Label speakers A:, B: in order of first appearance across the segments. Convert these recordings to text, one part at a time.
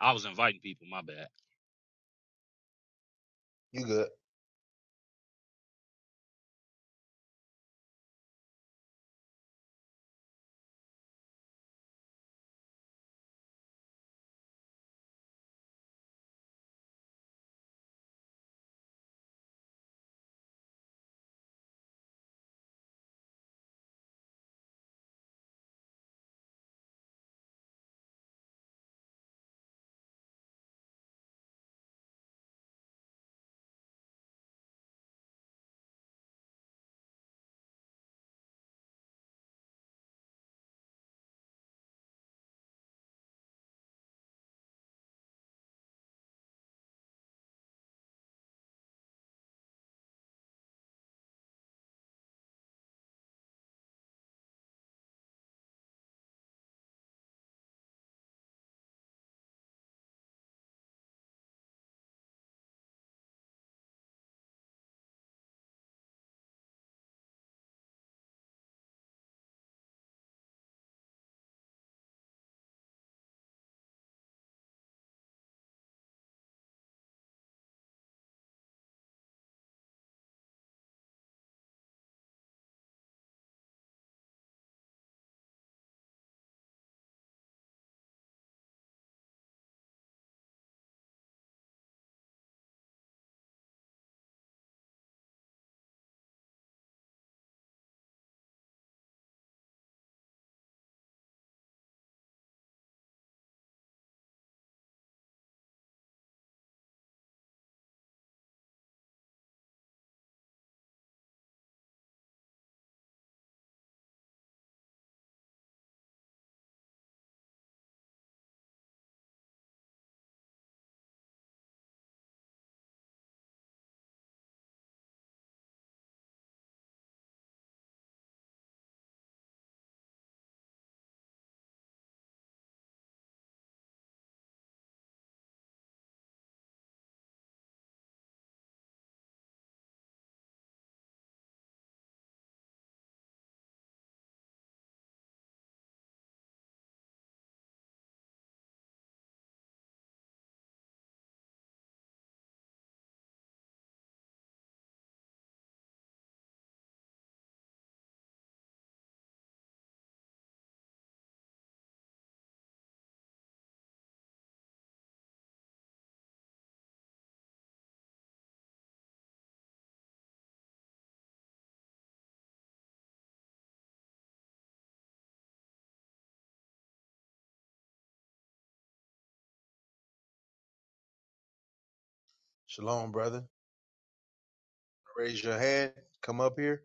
A: I was inviting people. My bad.
B: You good. Shalom, brother. Raise your hand. Come up here.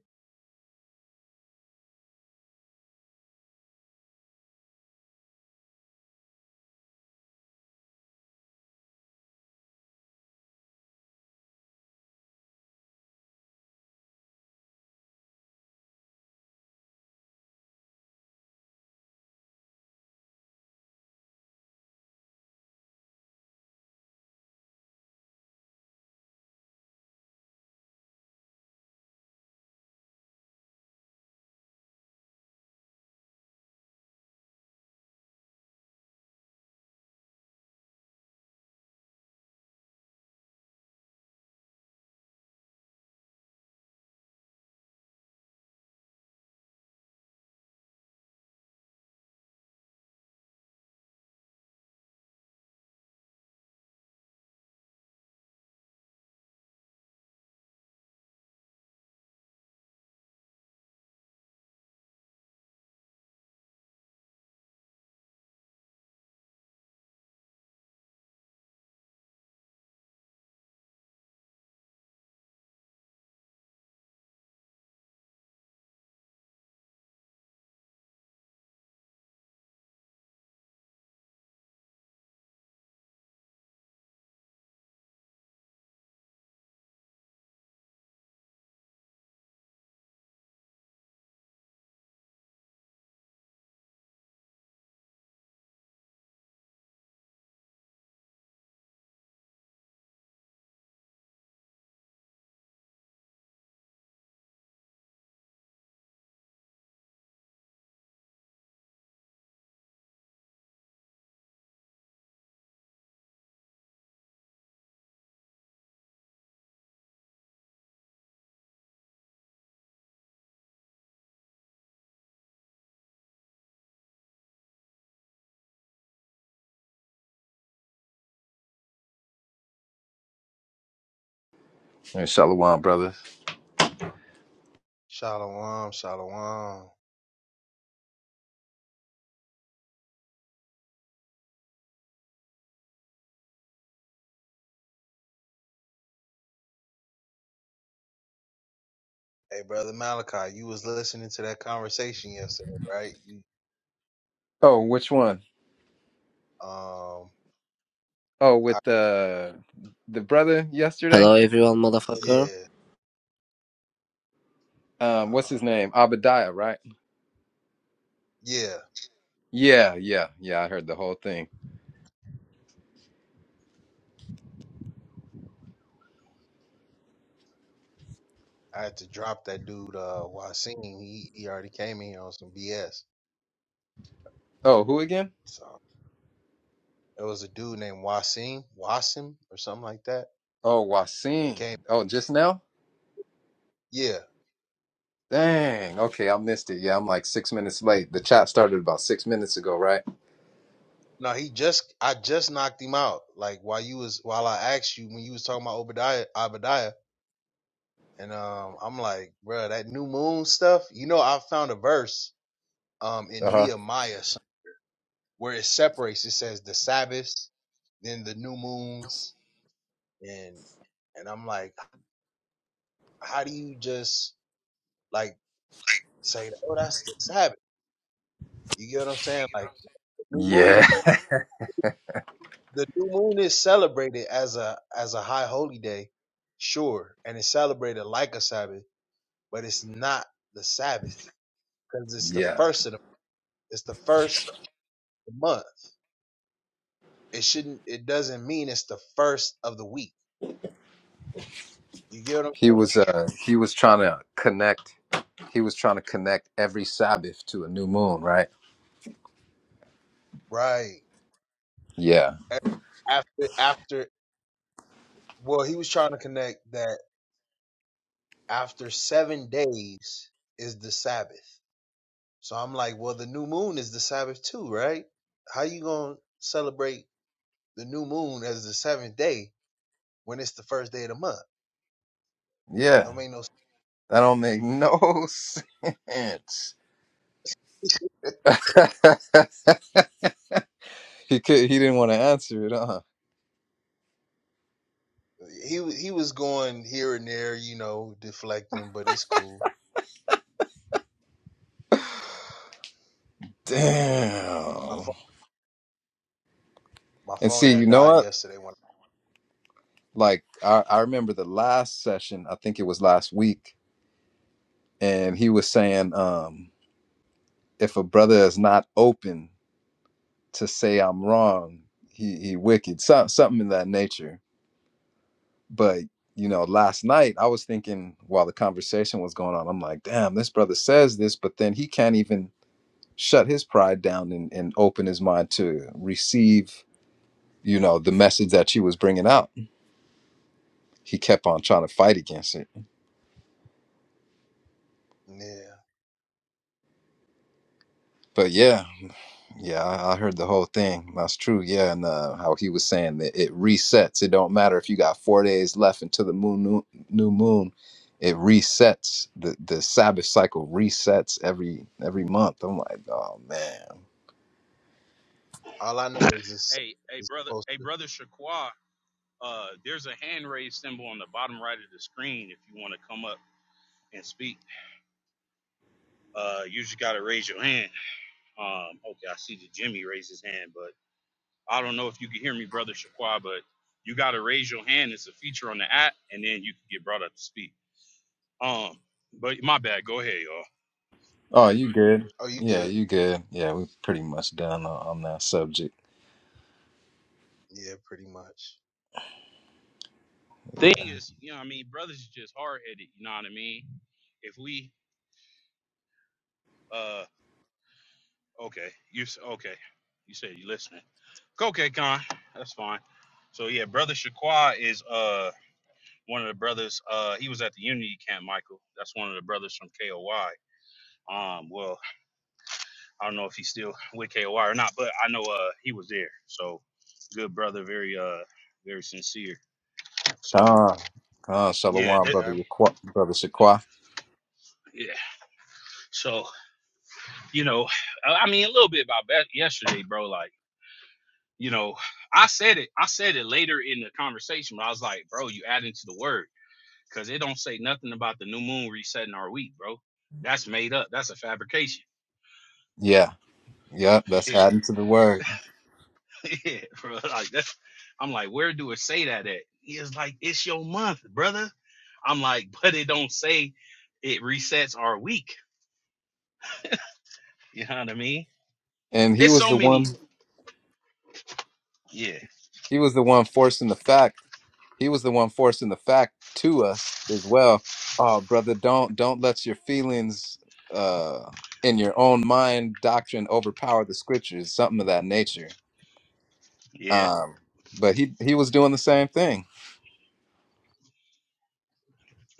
C: Hey, Shalom, brother.
B: Shalom, shalom. Hey, brother Malachi, you was listening to that conversation yesterday, right? You,
C: Oh, which one?
B: um,
C: Oh,
B: I,
C: with the the brother yesterday.
D: Hello everyone motherfucker
B: yeah,
C: Um, what's his
B: uh,
C: name? Abadiah, right?
B: yeah.
C: Yeah, yeah, yeah. I heard the whole thing.
B: I had to drop that dude, uh, Wasim. He, he already came in here on some BS.
C: Oh, who again?
B: So there was a dude named Wasim, Wasim or something like that.
C: Oh,
B: He
C: Wasim.
B: came.
C: Oh, just now?
B: Yeah.
C: Dang. Okay, I missed it. Yeah, I'm like six minutes late. The chat started about six minutes ago, right?
B: No, he just, I just knocked him out. Like while you was, while I asked you when you was talking about Obadiah, Obadiah. And um, I'm like, bro, that new moon stuff. You know, I found a verse um
C: Uh
B: in
C: huh.
B: Nehemiah son, where it separates. It says the Sabbaths, then the new moons, and and I'm like, how do you just like say, oh, that's the Sabbath? You get what I'm saying? Like the new
C: Yeah,
B: moon. The new moon is celebrated as a as a high holy day, sure, and it's celebrated like a Sabbath, but it's not the Sabbath because it's the
C: yeah.
B: first of the, it's the first of the month. It shouldn't. It doesn't mean it's the first of the week. You get what I'm
C: He
B: saying?
C: was uh he was trying to connect. He was trying to connect every Sabbath to a new moon, right?
B: Right.
C: Yeah,
B: A- After after. Well, he was trying to connect that after seven days is the Sabbath. So I'm like, well, the new moon is the Sabbath too, right? How you gonna celebrate the new moon as the seventh day when it's the first day of the month?
C: yeah.
B: Don't make no. s-
C: That don't make no sense. he could he didn't want to answer it, huh?
B: He wa- he was going here and there, you know, deflecting, but it's cool. My phone,
C: Damn.
B: my
C: And
B: phone
C: see, you
B: had
C: know
B: died
C: what?
B: yesterday when.
C: Like I, I remember the last session, I think it was last week, and he was saying, um, if a brother is not open to say I'm wrong, he he wicked. So, something in that nature. But you know, last night I was thinking while the conversation was going on, I'm like, damn, this brother says this, but then he can't even shut his pride down and, and open his mind to receive you know the message that she was bringing out he kept on trying to fight against it
B: Yeah.
C: but yeah yeah i, I heard the whole thing that's true yeah and uh, how he was saying that it resets it don't matter if you got four days left until the moon new, new moon it resets the the sabbath cycle resets every every month i'm like oh man
B: All I know is this
A: Hey, hey,
B: is
A: brother,
B: supposed
A: hey,
B: to.
A: brother Shaqua. Uh, there's a hand raised symbol on the bottom right of the screen if you want to come up and speak. Uh, you just gotta raise your hand. Um, okay, I see that Jimmy raised his hand, but I don't know if you can hear me, brother Shaqua. But you gotta raise your hand. It's a feature on the app, and then you can get brought up to speak. Um, but my bad. Go ahead, y'all.
C: oh you good
B: Oh, you
C: yeah
B: good?
C: you good yeah we're pretty much done on, on that subject
B: Yeah, pretty much.
A: Thing is, you know, what I mean, brothers is just hard headed. You know what I mean? If we, uh. Okay, you s- okay? You said you listening. Okay, Con, that's fine. So yeah, brother Shaqua is uh one of the brothers. Uh, he was at the Unity Camp, Michael. That's one of the brothers from K O Y. Um, well, I don't know if he's still with K O Y or not, but I know uh he was there. So good brother, very uh very sincere. So
C: Khan, Khan,
A: yeah,
C: Shalom,
A: that,
B: Yeah, I
C: brother,
B: remember.
C: Yaqua- brother Shaqua.
A: yeah. So you know, I I mean a little bit about that yesterday, bro. Like. you know, I said it. I said it later in the conversation, but I was like, bro, you add into the word because it don't say nothing about the new moon resetting our week, bro. That's made up. That's a fabrication.
C: Yeah, yeah, that's
A: Yeah,
C: adding to the word.
A: yeah, bro. Like that's. I'm like, where do it say that at? He is like, it's your month, brother. I'm like, but it don't say it resets our week. You know what I mean?
C: And he
A: It's
C: was
A: so
C: the one.
A: many. Yeah,
C: He was the one forcing the fact. He was the one forcing the fact to us as well. Oh, brother, don't don't let your feelings uh in your own mind doctrine overpower the scriptures, something of that nature.
A: yeah,
C: Um, but he he was doing the same thing.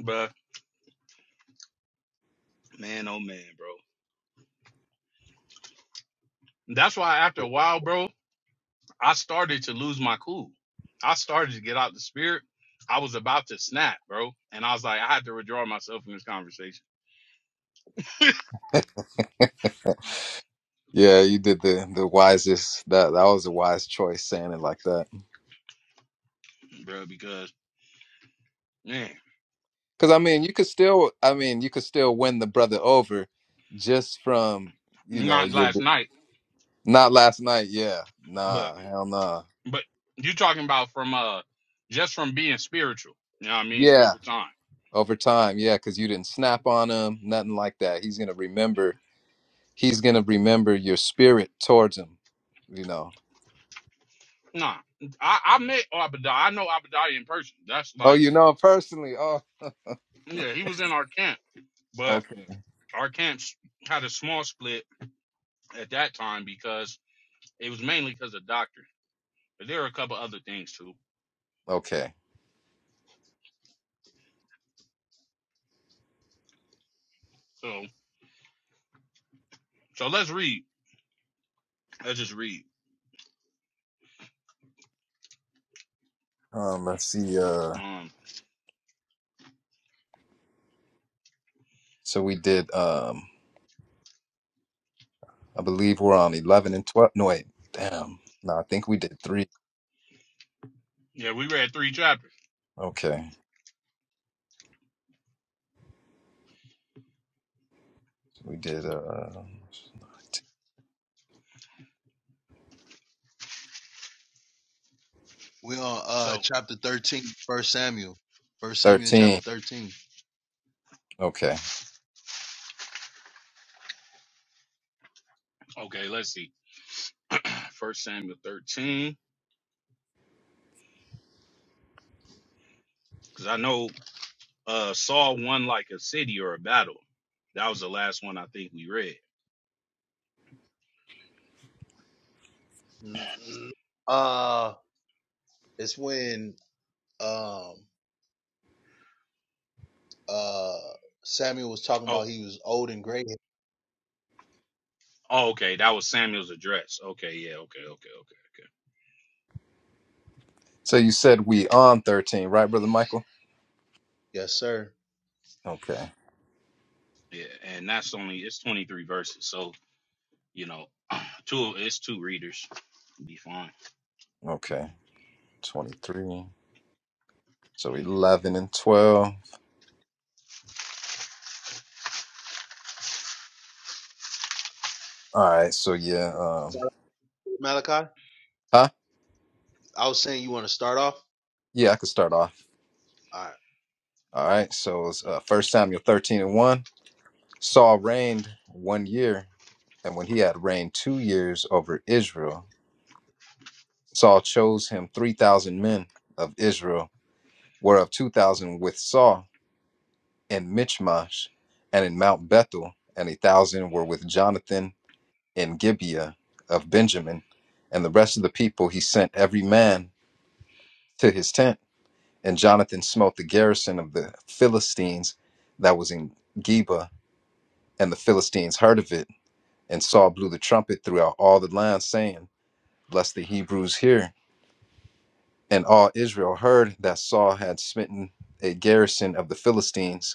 A: bro. Man, oh man, bro. That's why after a while, bro, I started to lose my cool. I started to get out the spirit. I was about to snap, bro. And I was like, I had to withdraw myself from this conversation,
C: Yeah, you did the the wisest. That that was a wise choice saying it like that.
A: bro, because man,
C: Because I mean, you could still, I mean, you could still win the brother over just from, you know,
A: not
C: your
A: last night,
C: not last night. Yeah,
A: but
C: nah, hell nah.
A: but you talking about from uh just from being spiritual, you know what I mean,
C: Yeah,
A: over time.
C: over time. Yeah, because you didn't snap on him, nothing like that. He's gonna remember. He's gonna remember your spirit towards him. You know.
A: Nah. I, I met Abadai. I know Abadai in person. That's
C: Oh,
A: like
C: you know him personally. Oh,
A: yeah, he was in our camp, but
C: okay,
A: our camp had a small split at that time because it was mainly because of doctrine. But there were a couple other things too.
C: okay.
A: So So let's read. Let's just read.
C: Um, let's see. Uh,
A: Um,
C: so we did. Um, I believe we're on eleven and twelve. No, wait. Damn. No, I think we did three.
A: yeah, we read three chapters.
C: Okay. We did uh,
B: We on uh
A: So
B: chapter 13, first Samuel. First Samuel chapter
C: 13.
B: 13.
C: Okay.
A: okay, let's see. First Samuel thirteen, because I know uh Saul won like a city or a battle. That was the last one I think we read.
B: Mm-mm. Uh, it's when um uh Samuel was talking
A: Oh,
B: about he was old and gray.
A: oh, okay, that was Samuel's address. Okay, yeah, okay, okay, okay,
C: So you said we on 13, right, Brother Michael?
B: Yes, sir.
C: Okay.
A: okay. Yeah, and that's only it's twenty three verses. So you know, two it's two readers. Be fine.
C: Okay. 23. So 11 and 12. All right. So yeah. Um,
B: Malachi,
C: huh?
B: I was saying you want to start off.
C: Yeah, I could start off.
B: All right.
C: All right. So it's uh, first Samuel 13 and 1. Saul reigned one year, and when he had reigned two years over Israel, Saul chose him 3,000 men of Israel, whereof 2,000 with Saul. in Michmash, and in Mount Bethel, and a thousand were with Jonathan in Gibeah of Benjamin, and the rest of the people he sent every man to his tent. And Jonathan smote the garrison of the Philistines that was in Geba, and the Philistines heard of it. And Saul blew the trumpet throughout all the land, saying, Bless the Hebrews here. And all Israel heard that Saul had smitten a garrison of the Philistines.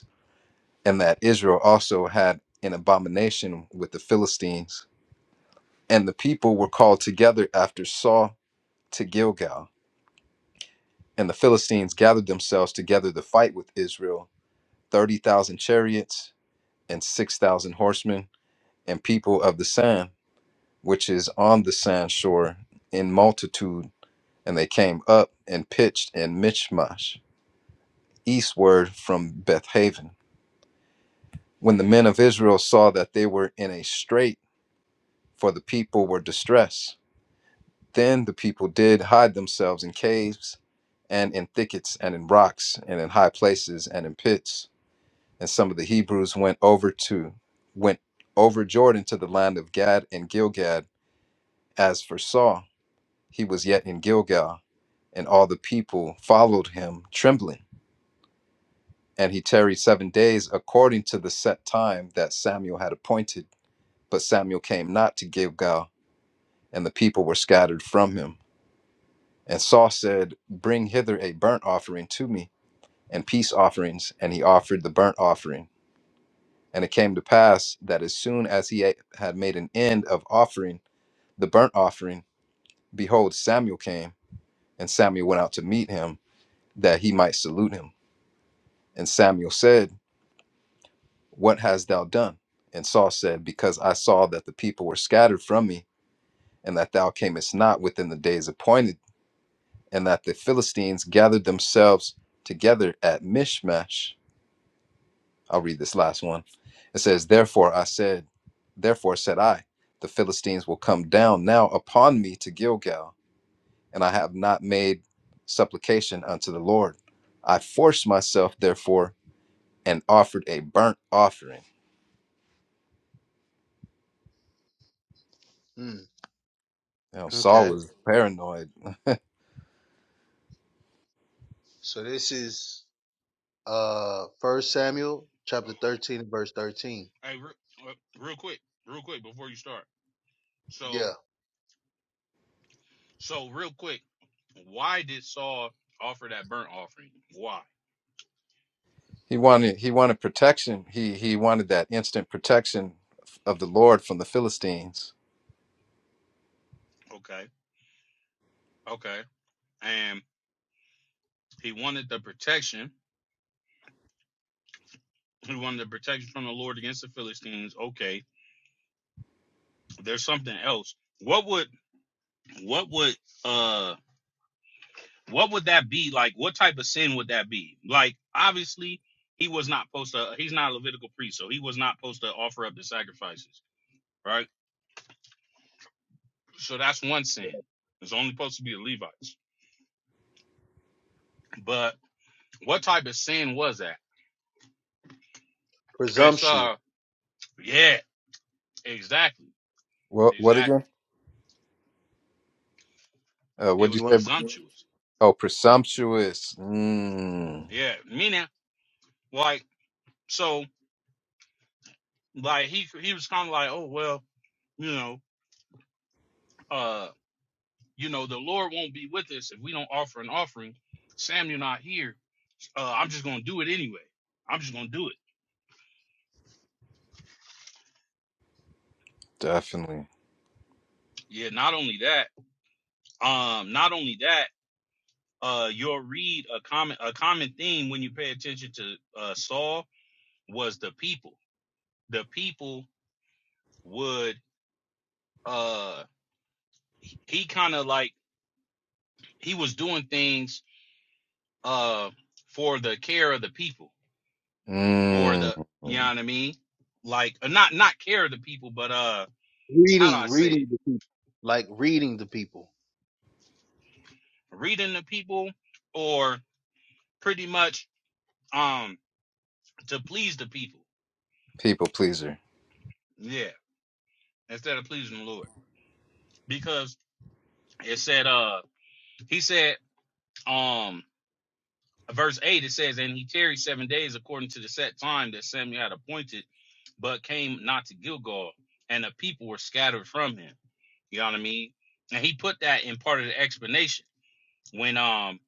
C: and that Israel also had an abomination with the Philistines. And the people were called together after Saul to Gilgal. And the Philistines gathered themselves together to fight with Israel 30,000 chariots and 6,000 horsemen, and people of the sand, which is on the sand shore, in multitude. And they came up and pitched in Michmash, eastward from Bethaven. When the men of Israel saw that they were in a strait, for the people were distressed, Then the people did hide themselves in caves and in thickets and in rocks and in high places and in pits. And some of the Hebrews went over to went over Jordan to the land of Gad and Gilgad. As for Saul, he was yet in Gilgal, and all the people followed him trembling. And he tarried seven days according to the set time that Samuel had appointed. But Samuel came not to Gilgal, and the people were scattered from him. And Saul said, Bring hither a burnt offering to me. and peace offerings, and he offered the burnt offering. And it came to pass that as soon as he had made an end of offering the burnt offering, behold, Samuel came, and Samuel went out to meet him, that he might salute him. And Samuel said, What hast thou done? And Saul said, Because I saw that the people were scattered from me, and that thou camest not within the days appointed, and that the Philistines gathered themselves together at Mishmash I'll read this last one. It says, Therefore I said, Therefore said I, the Philistines will come down now upon me to Gilgal, and I have not made supplication unto the Lord. I forced myself, therefore, and offered a burnt offering.
B: Mm,
C: You know, Saul
B: okay.
C: was paranoid.
B: So this is uh First Samuel
A: Oh,
B: chapter thirteen verse thirteen.
A: hey, re- uh, real quick, real quick before you start. So
B: Yeah,
A: So real quick, why did Saul offer that burnt offering? Why?
C: He wanted he wanted protection. He he wanted that instant protection of the Lord from the Philistines.
A: Okay. Okay. And he wanted the protection. He wanted the protection from the Lord against the Philistines. Okay. There's something else. What would what would uh what would that be? Like what type of sin would that be? Like obviously he was not supposed to he's not a Levitical priest, so he was not supposed to offer up the sacrifices, right? So that's one sin. It's only supposed to be the Levites. But what type of sin was that? It's
B: presumptuous.
A: uh yeah, exactly.
C: What what again?
A: Exactly.
C: Uh,
A: It
C: what
B: You
A: was
C: did
B: want?
C: you say?
A: presumptuous.
C: Oh, presumptuous. Mm,
A: Yeah. Meaning like so like he he was kinda like, Oh well, you know, uh, you know, the Lord won't be with us if we don't offer an offering. Sam, you're not here. Uh, I'm just gonna do it anyway. I'm just gonna do it.
C: definitely.
A: Yeah, not only that, um, not only that, uh, you'll read a common a common theme when you pay attention to uh Saul was the people. The people would uh. he kind of like he was doing things uh for the care of the people or
C: Mm,
A: the you know what I mean like uh, not not care of the people but uh how do
B: reading,
A: I say it
B: reading the people, like reading the people.
A: reading the people or pretty much um to please the people
C: people pleaser.
A: yeah instead of pleasing the Lord because it said uh he said um verse 8 it says and he tarried seven days according to the set time that Samuel had appointed but came not to Gilgal and the people were scattered from him You know what I mean? And he put that in part of the explanation when um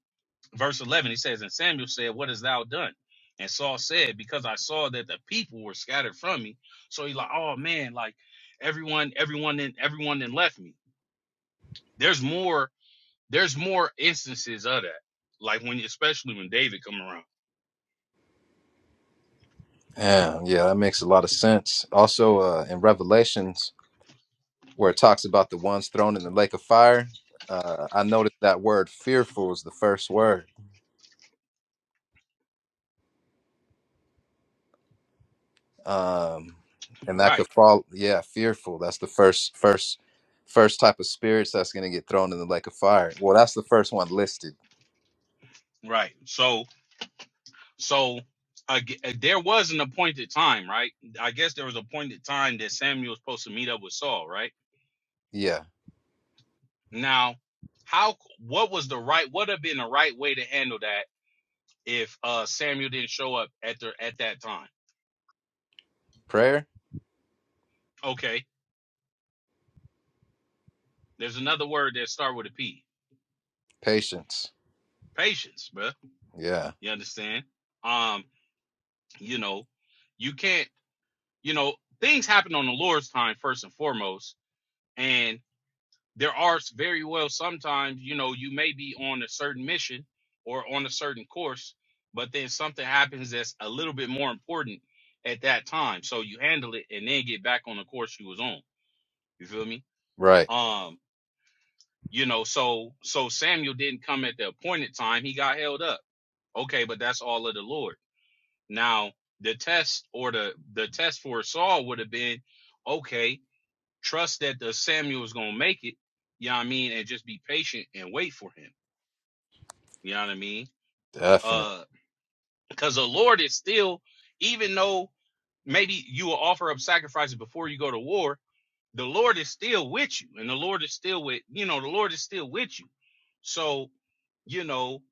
A: verse 11 he says and Samuel said what hast thou done? And Saul said because I saw that the people were scattered from me. So he's like oh man like everyone everyone then everyone then left me. There's more there's more instances of that. Like when especially when David come around.
C: Yeah, yeah, that makes a lot of sense. Also, uh, in Revelations, where it talks about the ones thrown in the lake of fire, uh, I noticed that word "fearful" is the first word, um, and that
A: Right.
C: could fall. Yeah, fearful. That's the first, first, first type of spirits that's going to get thrown in the lake of fire. Well, that's the first one listed.
A: Right. So so I g- uh, there was an appointed time, right? I guess there was an appointed time that Samuel was supposed to meet up with Saul, right?
C: Yeah,
A: Now, how what was the right what have been the right way to handle that if uh Samuel didn't show up at the at that time?
C: prayer,
A: Okay. There's another word that start with a P.
C: patience.
A: Patience, bruh.
C: Yeah,
A: You understand? Um, you know, you can't, you know, things happen on the Lord's time first and foremost. and. there are very well sometimes you know you may be on a certain mission or on a certain course but then something happens that's a little bit more important at that time so you handle it and then get back on the course you was on you feel me
C: right,
A: um you know so so samuel didn't come at the appointed time he got held up okay but that's all of the lord now the test or the the test for saul would have been okay trust that the samuel is gonna make it you know what i mean and just be patient and wait for him You know what I mean?
C: definitely.
A: Uh, because the Lord is still, even though maybe you will offer up sacrifices before you go to war, the Lord is still with you, and the Lord is still with you know the Lord is still with you. So you know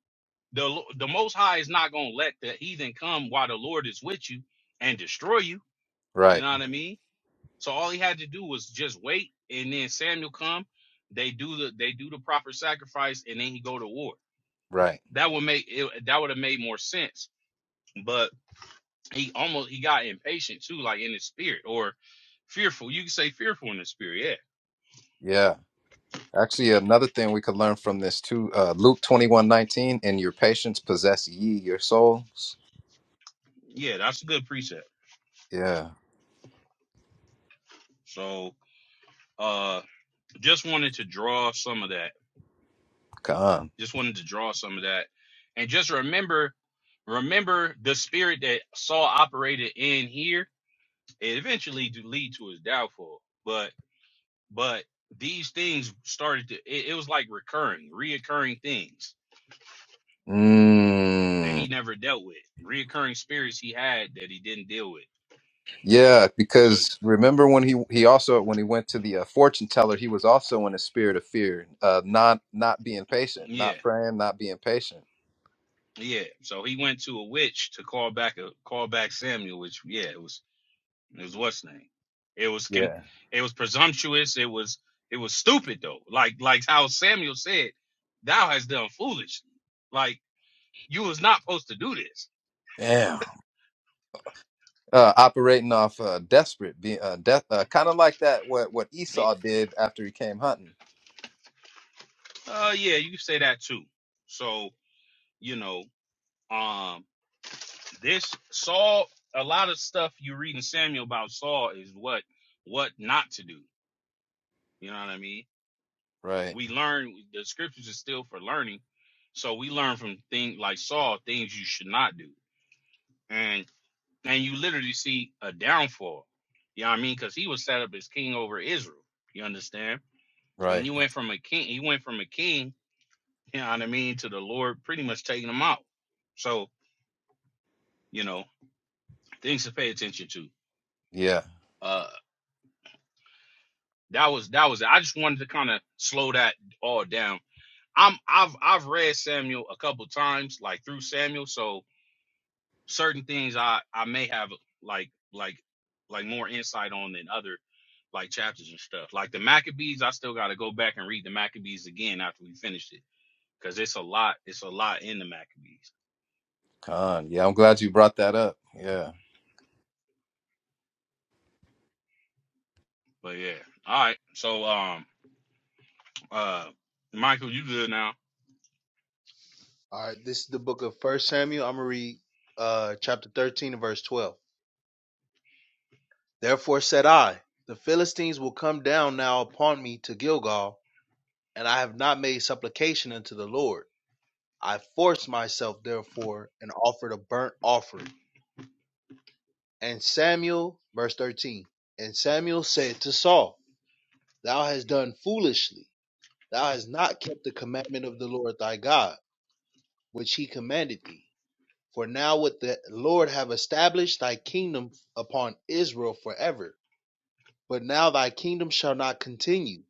A: the the Most High is not gonna let the heathen come while the Lord is with you and destroy you. You
C: Right,
A: know what I mean? So all he had to do was just wait, and then Samuel come. They do the they do the proper sacrifice, and then he go to war.
C: right.
A: That would make it, that would have made more sense but he almost he got impatient too, like in his spirit or fearful. You can say fearful in the spirit.
C: Yeah. Actually, another thing we could learn from this too, uh, Luke twenty one nineteen, and your patience possess ye your souls.
A: Yeah, yeah, that's a good precept.
C: Yeah,
A: So, uh, just wanted to draw some of that.
C: come.
A: Just wanted to draw some of that, and just remember, remember the spirit that Saul operated in here. It eventually do lead to his downfall, but but these things started to. It, it was like recurring, reoccurring things that he
C: Mm,
A: never dealt with, reoccurring spirits he had that he didn't deal with
C: yeah,
A: So
C: because remember when he he also when he went to the uh, fortune teller, he was also in a spirit of fear, uh, not not being patient, not
A: yeah,
C: praying, not being patient.
A: yeah. So he went to a witch to call back a call back Samuel, which yeah, it was it was what's name. It was con-
C: Yeah,
A: it was presumptuous. It was it was stupid though. Like like how Samuel said, "Thou hast done foolish. Like you was not supposed to do this.
C: damn. Uh, operating off uh, desperate, being uh, de- uh, kind of like that what what
A: Yeah.
C: Esau did after he came hunting.
A: Uh yeah, you can say that too. So you know, um, this Saul. A lot of stuff you read in Samuel about Saul is what what not to do. You know what I mean?
C: Right,
A: we learn the scriptures are still for learning so we learn from things like saul things you should not do and and you literally see a downfall you know what i mean because he was set up as king over israel you understand and
C: right.
A: he went from a king he went from a king you know what i mean to the lord pretty much taking him out so you know things to pay attention to
C: Yeah.
A: uh that was that was i just wanted to kind of slow that all down i'm i've i've read samuel a couple times like through samuel so certain things I I may have like like like more insight on than other like chapters and stuff. Like the Maccabees, I still got to go back and read the Maccabees again after we finished it because it's a lot. It's a lot in the Maccabees.
C: Con. Yeah, I'm glad you brought that up. Yeah.
A: But yeah, all right. So um uh Michael, you good now?
B: All right, this is the book of First Samuel. I'm gonna read uh, chapter 13 and verse 12. Therefore said I, the Philistines will come down now upon me to Gilgal, and I have not made supplication unto the Lord. I forced myself therefore and offered a burnt offering. And Samuel, verse 13, and Samuel said to Saul, Thou hast done foolishly. Thou hast not kept the commandment of the Lord thy God, which he commanded thee For now would the Lord have established thy kingdom upon Israel forever. But now thy kingdom shall not continue.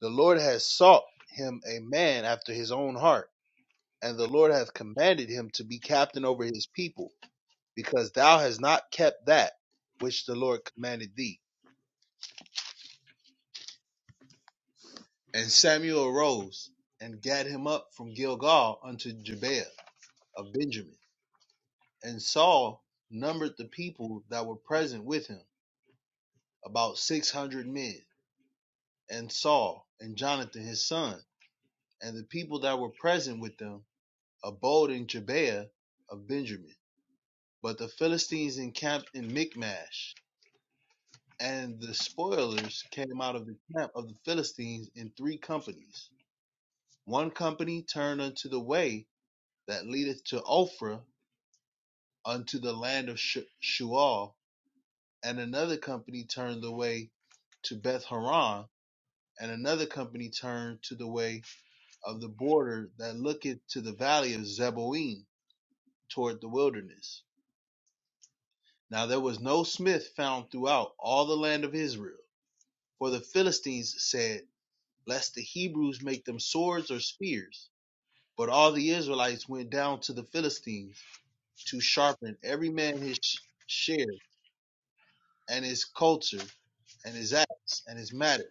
B: The Lord has sought him a man after his own heart, and the Lord hath commanded him to be captain over his people, because thou hast not kept that which the Lord commanded thee. And Samuel arose and gathered him up from Gilgal unto Gibeah of Benjamin. And Saul numbered the people that were present with him, about six hundred men. and Saul and Jonathan his son, and the people that were present with them abode in Gibeah of Benjamin. But the Philistines encamped in Michmash, and the spoilers came out of the camp of the Philistines in three companies. One company turned unto the way that leadeth to Ophrah unto the land of Shual, and another company turned the way to Beth Horon, and another company turned to the way of the border that looketh to the valley of Zeboim toward the wilderness. Now there was no smith found throughout all the land of Israel. For the Philistines said, Lest the Hebrews make them swords or spears. But all the Israelites went down to the Philistines to sharpen every man his sh- share and his culture and his axe and his mattock.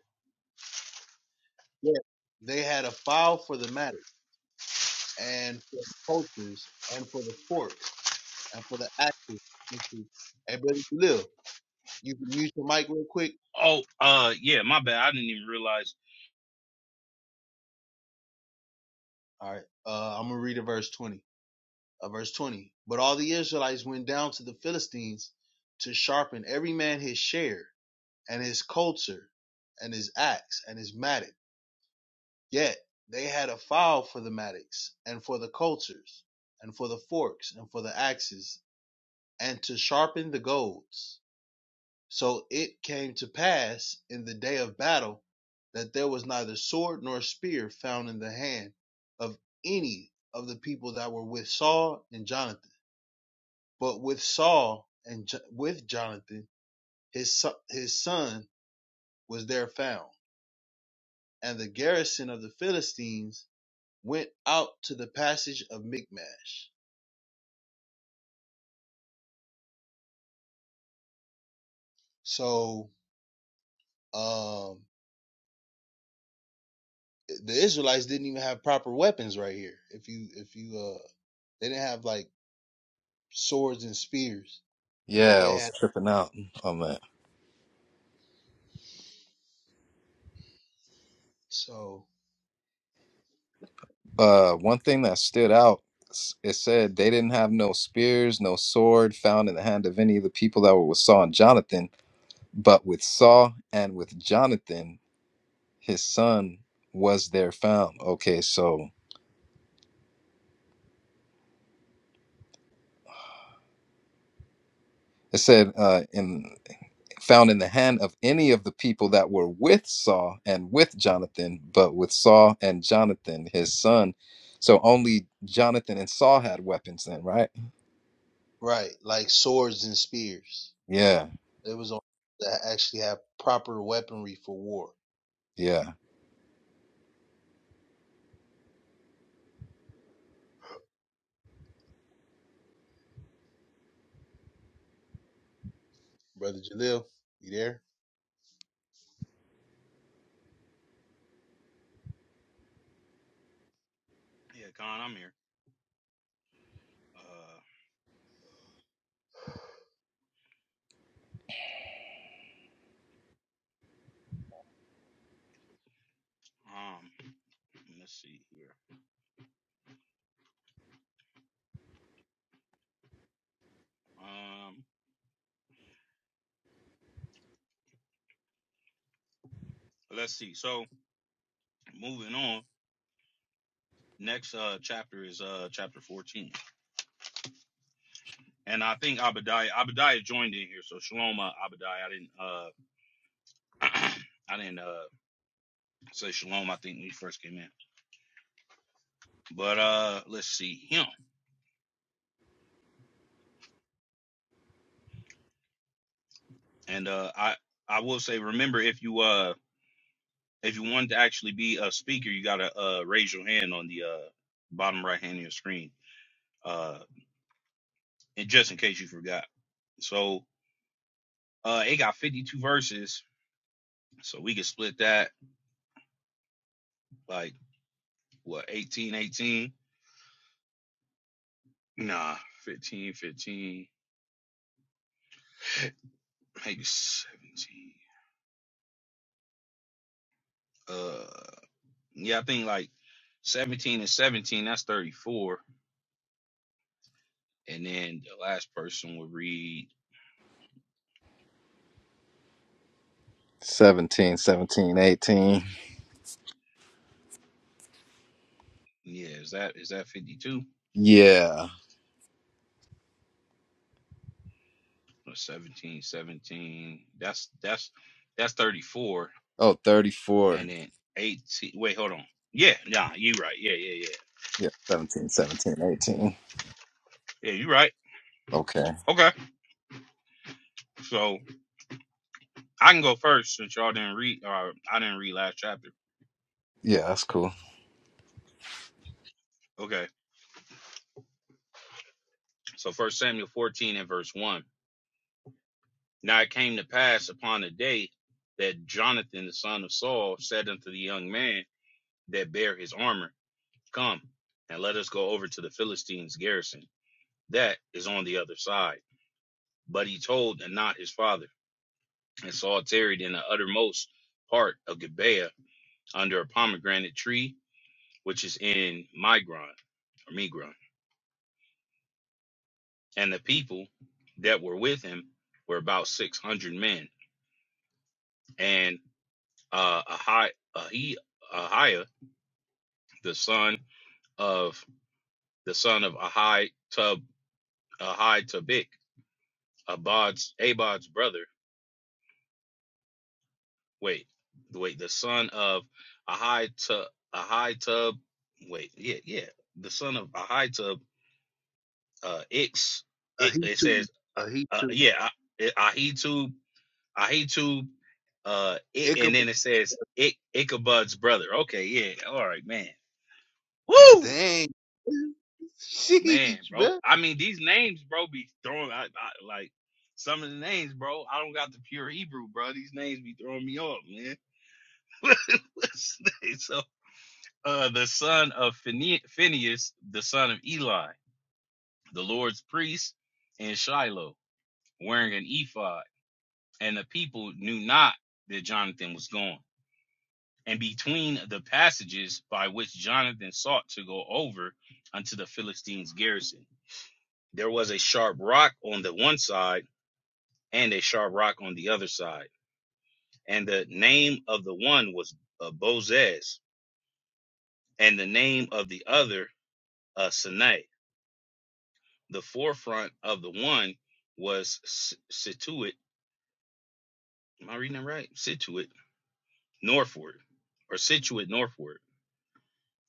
B: Yet they had a file for the mattock and for the cultures and for the forks and for the actors. Thank you. Everybody live. You can mute your mic real quick.
A: Oh uh yeah, my bad. I didn't even realize.
B: All right. Uh, I'm gonna read a verse 20. Uh, verse 20. But all the Israelites went down to the Philistines to sharpen every man his share and his coulter and his axe and his mattock. Yet they had a file for the mattocks and for the coulters and for the forks and for the axes and to sharpen the golds. So it came to pass in the day of battle that there was neither sword nor spear found in the hand of any of the people that were with Saul and Jonathan. But with Saul and Jo- with Jonathan, his so- his son was there found. And the garrison of the Philistines went out to the passage of Michmash. So um, the Israelites didn't even have proper weapons right here. If you if you uh, they didn't have like swords and spears, but
C: Yeah, I
B: they
C: was
B: had
C: tripping out on that.
B: so
C: Uh, one thing that stood out, s- it said they didn't have no spears, no sword found in the hand of any of the people that were with Saul and Jonathan, but with Saul and with Jonathan, his son was there found. Okay, so it said uh, in found in the hand of any of the people that were with Saul and with Jonathan, but with Saul and Jonathan, his son. So only Jonathan and Saul had weapons then, right?
B: right like swords and spears.
C: Yeah,
B: It was on that actually have proper weaponry for war.
C: yeah.
B: Brother Jalil, you there?
A: Yeah, Con, I'm here. Uh um let's see here. Um let's see. So moving on. Next uh chapter is uh chapter 14. and I think Abadiah Abadiah joined in here. So Shalom uh, Abadiah. I didn't uh I didn't uh say Shalom, I think when he first came in. But uh let's see him. And uh I I will say remember if you uh if you wanted to actually be a speaker, you gotta uh raise your hand on the uh bottom right hand of your screen. Uh and just in case you forgot. So uh it got fifty two verses, so we can split that like what 18, 18? Nah, 15, 15. maybe 17. Uh, yeah, I think like 17 and 17, that's 34. And then the last person would read,
C: Seventeen, seventeen, eighteen.
A: yeah, is that is that 52?
C: Yeah.
A: Or 17, seventeen. That's that's that's 34.
C: Oh, 34.
A: And then 18. Wait, hold on. Yeah, nah, you right. Yeah, yeah, yeah.
C: Yeah, 17, 17, 18.
A: Yeah, you right.
C: Okay.
A: Okay. So I can go first since y'all didn't read or I didn't read last chapter.
C: Yeah, that's cool.
A: Okay. So first Samuel 14 and verse 1. Now it came to pass upon the day that Jonathan the son of Saul said unto the young man that bare his armor, Come, and let us go over to the Philistines' garrison. That is on the other side. But he told and not his father. And Saul tarried in the uttermost part of Gibeah under a pomegranate tree, which is in Migron or Migron. And the people that were with him were about six hundred men. And uh, Ahiah the son of the son of Ahai Tub Ahai Tabik, Abad's Abad's brother. Wait, wait, the son of Ahai Tub Ahai Tub. Wait, yeah, yeah, the son of Ahai Tub. Uh, Ix.
B: Uh,
A: It,
B: he
A: it
B: too.
A: says, uh,
B: Uh, he
A: uh,
B: too.
A: yeah, Ahitub Ahitub. Uh, it, and
B: Ichabod.
A: then it says Ik, Ichabod's brother. Okay, yeah, all right, man. Woo!
B: Dang.
A: man,
B: Sheesh,
A: bro.
B: bro.
A: I mean, these names, bro, be throwing I, I, like some of the names, bro. I don't got the pure Hebrew, bro. These names be throwing me off, man. What's the name? so, uh, the son of Phine- Phineas, the son of Eli, the Lord's priest, and Shiloh, wearing an ephod, and the people knew not that Jonathan was gone. And between the passages by which Jonathan sought to go over unto the Philistines' garrison, there was a sharp rock on the one side and a sharp rock on the other side. And the name of the one was uh, Bozez, and the name of the other uh, Sinai. The forefront of the one was S- Situate. Am I reading that right? Situate northward, or Situate northward,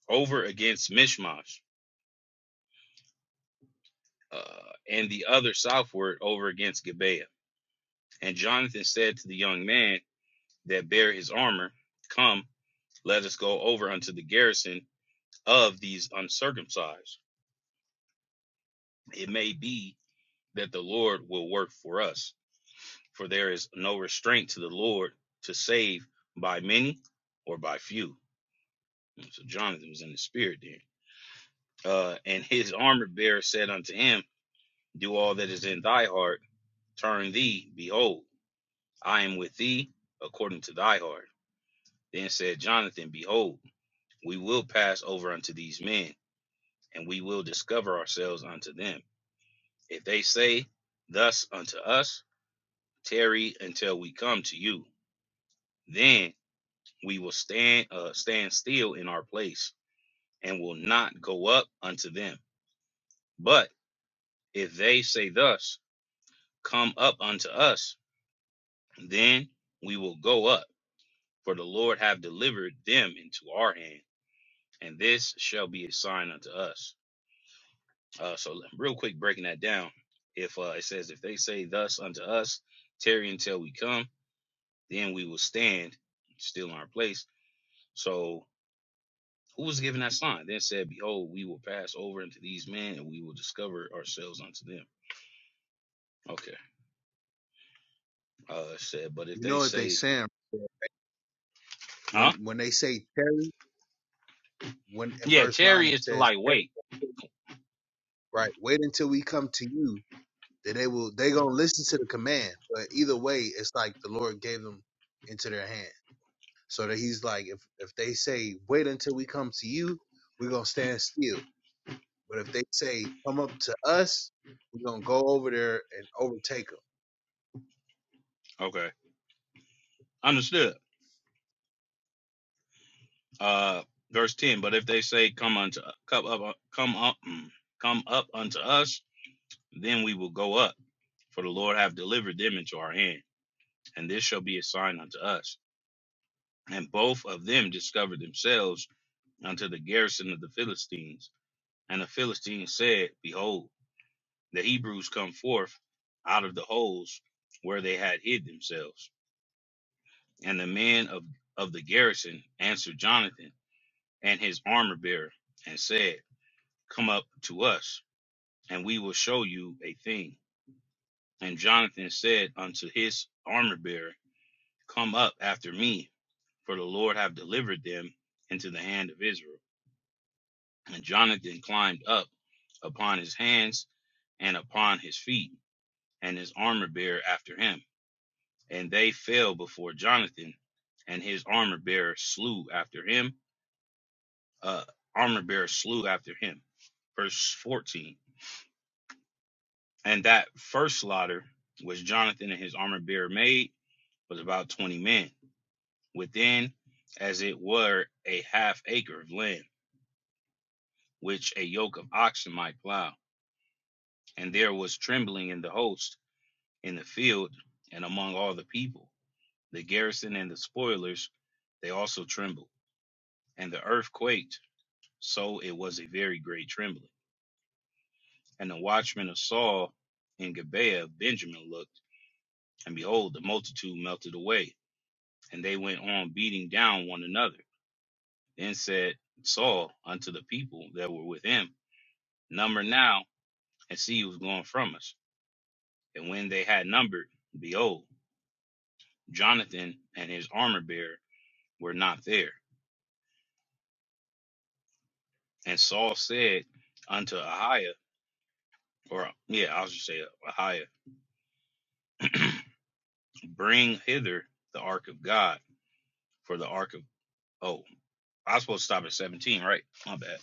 A: over against Mishmash, uh, and the other southward over against Gibeah. And Jonathan said to the young man that bare his armor, Come, let us go over unto the garrison of these uncircumcised It may be that the Lord will work for us, for there is no restraint to the Lord to save by many or by few. So Jonathan was in the spirit there. Uh, and his armor bearer said unto him, Do all that is in thy heart, turn thee, behold, I am with thee according to thy heart. Then said Jonathan, Behold, we will pass over unto these men, and we will discover ourselves unto them. If they say thus unto us, tarry until we come to you. Then we will stand uh, stand still in our place and will not go up unto them. But if they say thus, Come up unto us, then we will go up, for the Lord have delivered them into our hand, and this shall be a sign unto us. Uh, so real quick, breaking that down. If uh, it says, If they say thus unto us, tarry until we come, then we will stand still in our place. So Who was given that sign? Then said, Behold, we will pass over into these men and we will discover ourselves unto them. Okay. Uh said, but if
B: You
A: they
B: know what they
A: say
B: saying bruh.
A: Huh?
B: when when they say Terry when in
A: Yeah,
B: verse nine
A: tarry
B: it
A: is to
B: says
A: like wait.
B: "Tarry, right wait until we come to you then they will they gonna listen to the command but either way it's like the Lord gave them into their hand So that he's like, if if they say, wait until we come to you, we're gonna stand still. But if they say, come up to us, we're gonna go over there and overtake them.
A: Okay. Understood. Uh verse ten, but if they say come unto come up come up mm, come up unto us, then we will go up, for the Lord have delivered them into our hand, and this shall be a sign unto us. And both of them discovered themselves unto the garrison of the Philistines. And the Philistines said, Behold, the Hebrews come forth out of the holes where they had hid themselves. And the men of, of the garrison answered Jonathan and his armor bearer and said, Come up to us, and we will show you a thing. And Jonathan said unto his armor bearer, Come up after me, for the Lord have delivered them into the hand of Israel. And Jonathan climbed up upon his hands and upon his feet, and his armor bearer after him. and they fell before Jonathan, and his armor bearer slew after him. Uh, armor bearer slew after him. Verse 14. And that first slaughter, which Jonathan and his armor bearer made, was about 20 men, within as it were a half acre of land, which a yoke of oxen might plow. And there was trembling in the host, in the field, and among all the people. The garrison and the spoilers, they also trembled. And the earth quaked So it was a very great trembling. And the watchmen of Saul and Gibeah of Benjamin looked, and behold, the multitude melted away, and they went on beating down one another. Then said Saul unto the people that were with him, Number now, and see who's gone from us. And when they had numbered, behold, Jonathan and his armor bearer were not there. And Saul said unto Ahiah, or yeah, I'll just say Ahiah, bring hither the ark of God for the ark of." Oh, I was supposed to stop at 17, right? My bad.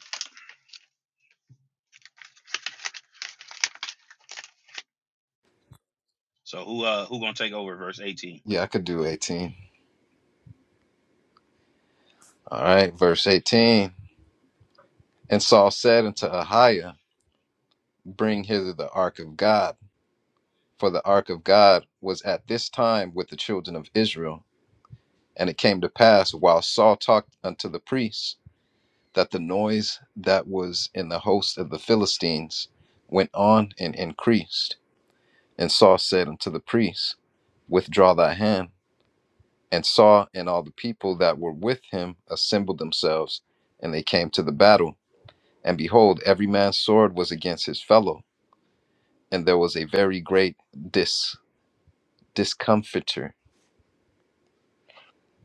A: So who uh who gonna take over verse 18?
C: Yeah, I could do 18. All right, verse 18. And Saul said unto Ahiah, Bring hither the ark of God. For the ark of God was at this time with the children of Israel. And it came to pass while Saul talked unto the priests that the noise that was in the host of the Philistines went on and increased. And Saul said unto the priests, Withdraw thy hand. And Saul and all the people that were with him assembled themselves, and they came to the battle. And behold, every man's sword was against his fellow, and there was a very great dis- discomfiture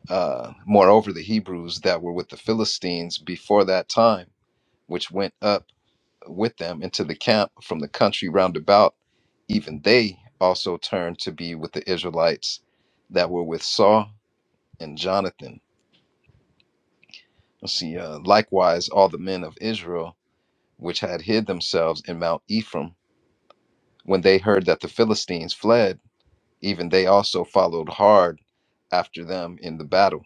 C: uh, moreover the hebrews that were with the philistines before that time which went up with them into the camp from the country round about even they also turned to be with the israelites that were with saul and jonathan let's see uh, likewise all the men of israel which had hid themselves in mount ephraim when they heard that the philistines fled even they also followed hard after them in the battle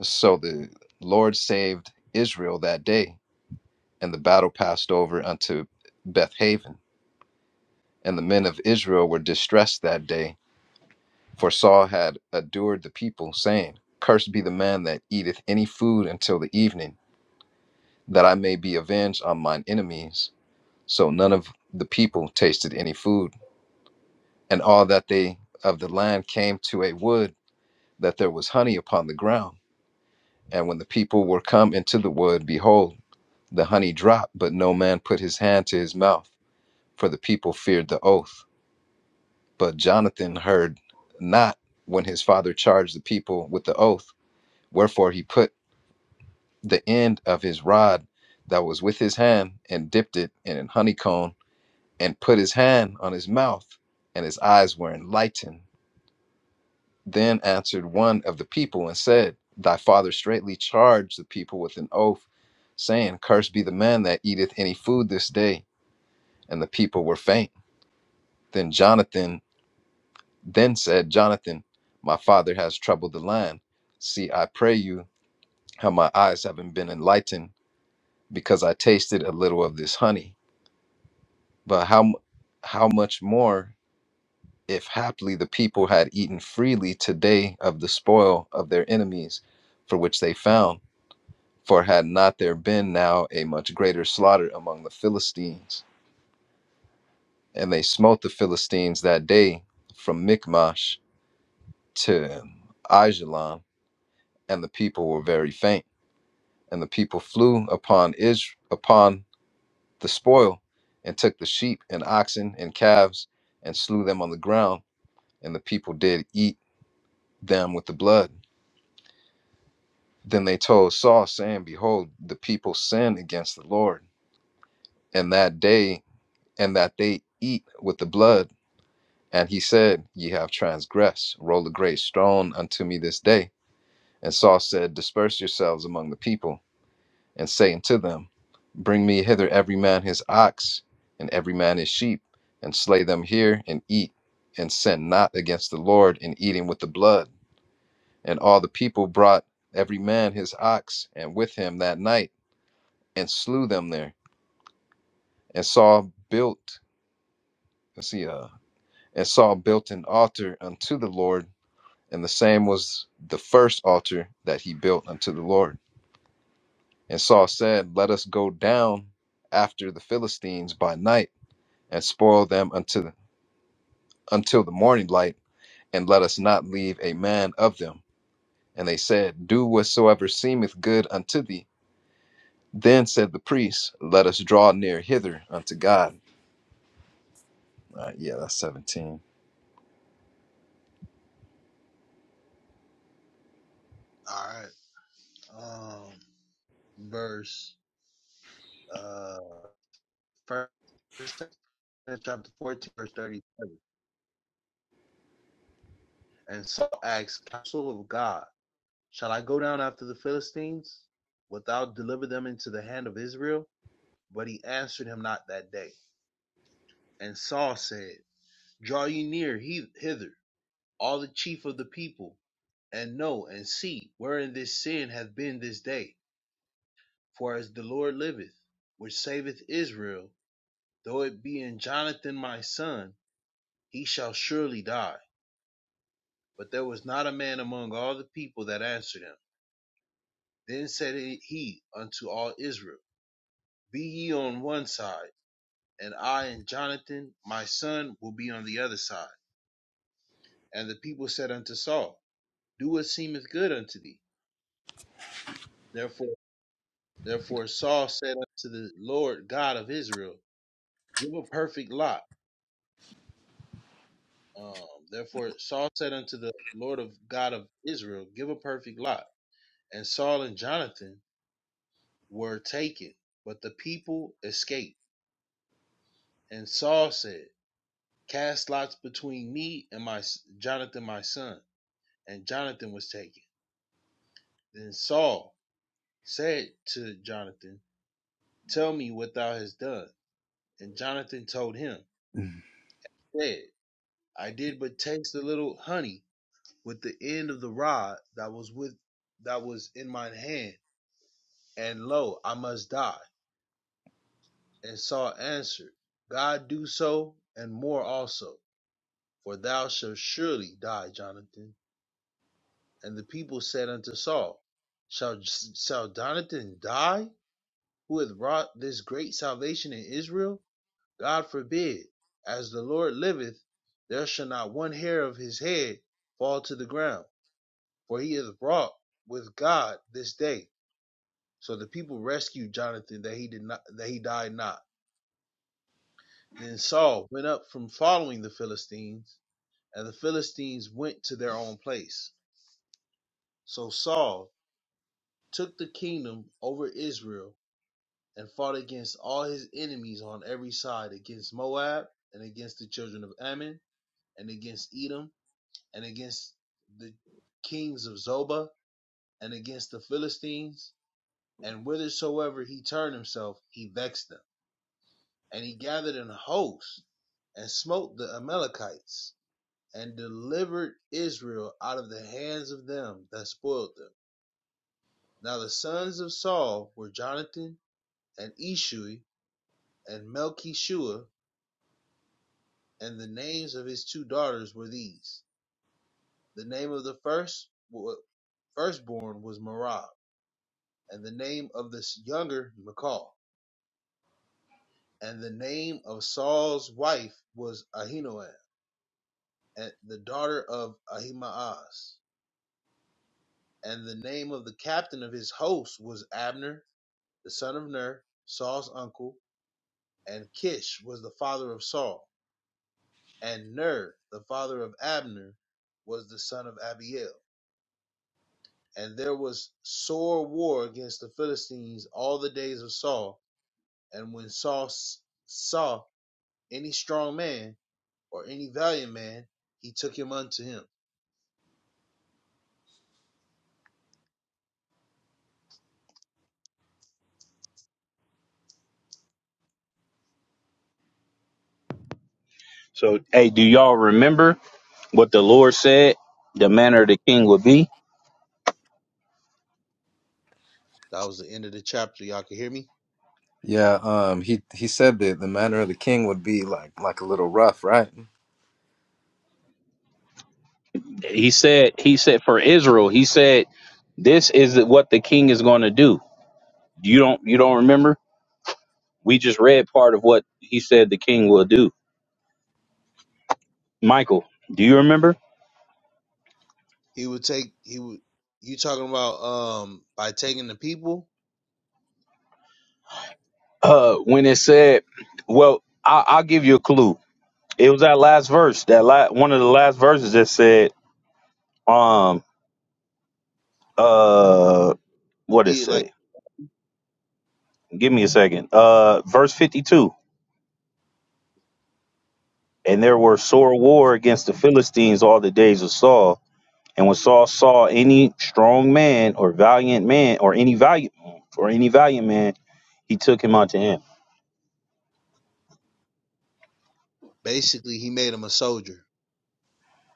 C: so the lord saved israel that day and the battle passed over unto Bethaven, And the men of Israel were distressed that day, for Saul had adjured the people, saying, Cursed be the man that eateth any food until the evening, that I may be avenged on mine enemies. So none of the people tasted any food, and all that they of the land came to a wood, that there was honey upon the ground. And when the people were come into the wood, behold, the honey dropped, but no man put his hand to his mouth, for the people feared the oath. But Jonathan heard not when his father charged the people with the oath. Wherefore he put the end of his rod that was with his hand and dipped it in an honeycomb and put his hand on his mouth, and his eyes were enlightened. Then answered one of the people and said, Thy father straitly charged the people with an oath, saying, Cursed be the man that eateth any food this day. And the people were faint. Then Jonathan Then said Jonathan, My father has troubled the land. See, I pray you, how my eyes haven't been enlightened, because I tasted a little of this honey. But how, mu- how much more if haply the people had eaten freely today of the spoil of their enemies, for which they found? For had not there been now a much greater slaughter among the Philistines? And they smote the Philistines that day from Michmash to Ajalon, and the people were very faint. And the people flew upon Is upon the spoil, and took the sheep and oxen and calves, and slew them on the ground. And the people did eat them with the blood. Then they told Saul, saying, Behold, the people sin against the Lord, and that day, and that they eat with the blood. And he said, Ye have transgressed. Roll a great stone unto me this day. And Saul said, Disperse yourselves among the people. and saying to them, Bring me hither every man his ox, and every man his sheep, and slay them here, and eat, and sin not against the Lord in eating with the blood. And all the people brought every man his ox, and with him that night, and slew them there. And Saul built, let's see, uh, and Saul built an altar unto the Lord, and the same was the first altar that he built unto the Lord. And Saul said, Let us go down after the Philistines by night and spoil them until until the morning light, and let us not leave a man of them. And they said, Do whatsoever seemeth good unto thee. Then said the priest, Let us draw near hither unto God. Uh, yeah, that's seventeen.
B: All right. Um, verse uh first chapter fourteen, verse thirty-seven. And Saul asked, counsel of God, shall I go down after the Philistines? Wilt thou deliver them into the hand of Israel? But he answered him not that day. And Saul said, Draw ye near hither all the chief of the people, and know and see wherein this sin hath been this day. For as the Lord liveth, which saveth Israel, though it be in Jonathan my son, he shall surely die. But there was not a man among all the people that answered him. Then said he unto all Israel, Be ye on one side, and I and Jonathan my son will be on the other side. And the people said unto Saul, Do what seemeth good unto thee. Therefore. Therefore Saul said unto the Lord God of Israel, Give a perfect lot. Um, therefore Saul said unto the Lord of God of Israel, Give a perfect lot. And Saul and Jonathan were taken, but the people escaped. And Saul said, Cast lots between me and my Jonathan my son. And Jonathan was taken. Then Saul said to Jonathan, Tell me what thou hast done. And Jonathan told him,
C: Mhm.
B: said, I did but taste a little honey with the end of the rod that was with that was in mine hand, and lo, I must die. And Saul answered, God do so, and more also, for thou shalt surely die, Jonathan. And the people said unto Saul, Shall shall Jonathan die, who hath wrought this great salvation in Israel? God forbid. As the Lord liveth, there shall not one hair of his head fall to the ground, for he hath wrought with God this day So the people rescued Jonathan that he did not that he died not. Then Saul went up from following the Philistines, and the Philistines went to their own place. So Saul took the kingdom over Israel and fought against all his enemies on every side, against Moab and against the children of Ammon and against Edom and against the kings of Zobah and against the Philistines, and whithersoever he turned himself, he vexed them. And he gathered an host and smote the Amalekites and delivered Israel out of the hands of them that spoiled them. Now the sons of Saul were Jonathan and Eshui and Melchishua, and the names of his two daughters were these. The name of the first firstborn was Merab, and the name of the younger Michal, and the name of Saul's wife was Ahinoam, and the daughter of Ahimaaz. And the name of the captain of his host was Abner, the son of Ner, Saul's uncle, and Kish was the father of Saul, and Ner, the father of Abner, was the son of Abiel. And there was sore war against the Philistines all the days of Saul. And when Saul s- saw any strong man or any valiant man, he took him unto him.
A: So hey, do y'all remember what the Lord said the manner of the king would be?
B: That was the end of the chapter. Y'all can hear me?
C: Yeah, um, he he said that the manner of the king would be like like a little rough, right?
A: He said he said for Israel, he said this is what the king is going to do. You don't you don't remember? We just read part of what he said the king will do. Michael, do you remember?
B: He would take he would you talking about um by taking the people
A: Uh when it said, well, I I'll give you a clue. It was that last verse, that la- one of the last verses that said, um. uh
B: to
A: what it
B: be it like
A: say give me a second uh verse 52 and there were sore war against the philistines all the days of saul and when saul saw any strong man or valiant man or any valiant or any valiant man he took him unto him
B: basically he made him a soldier.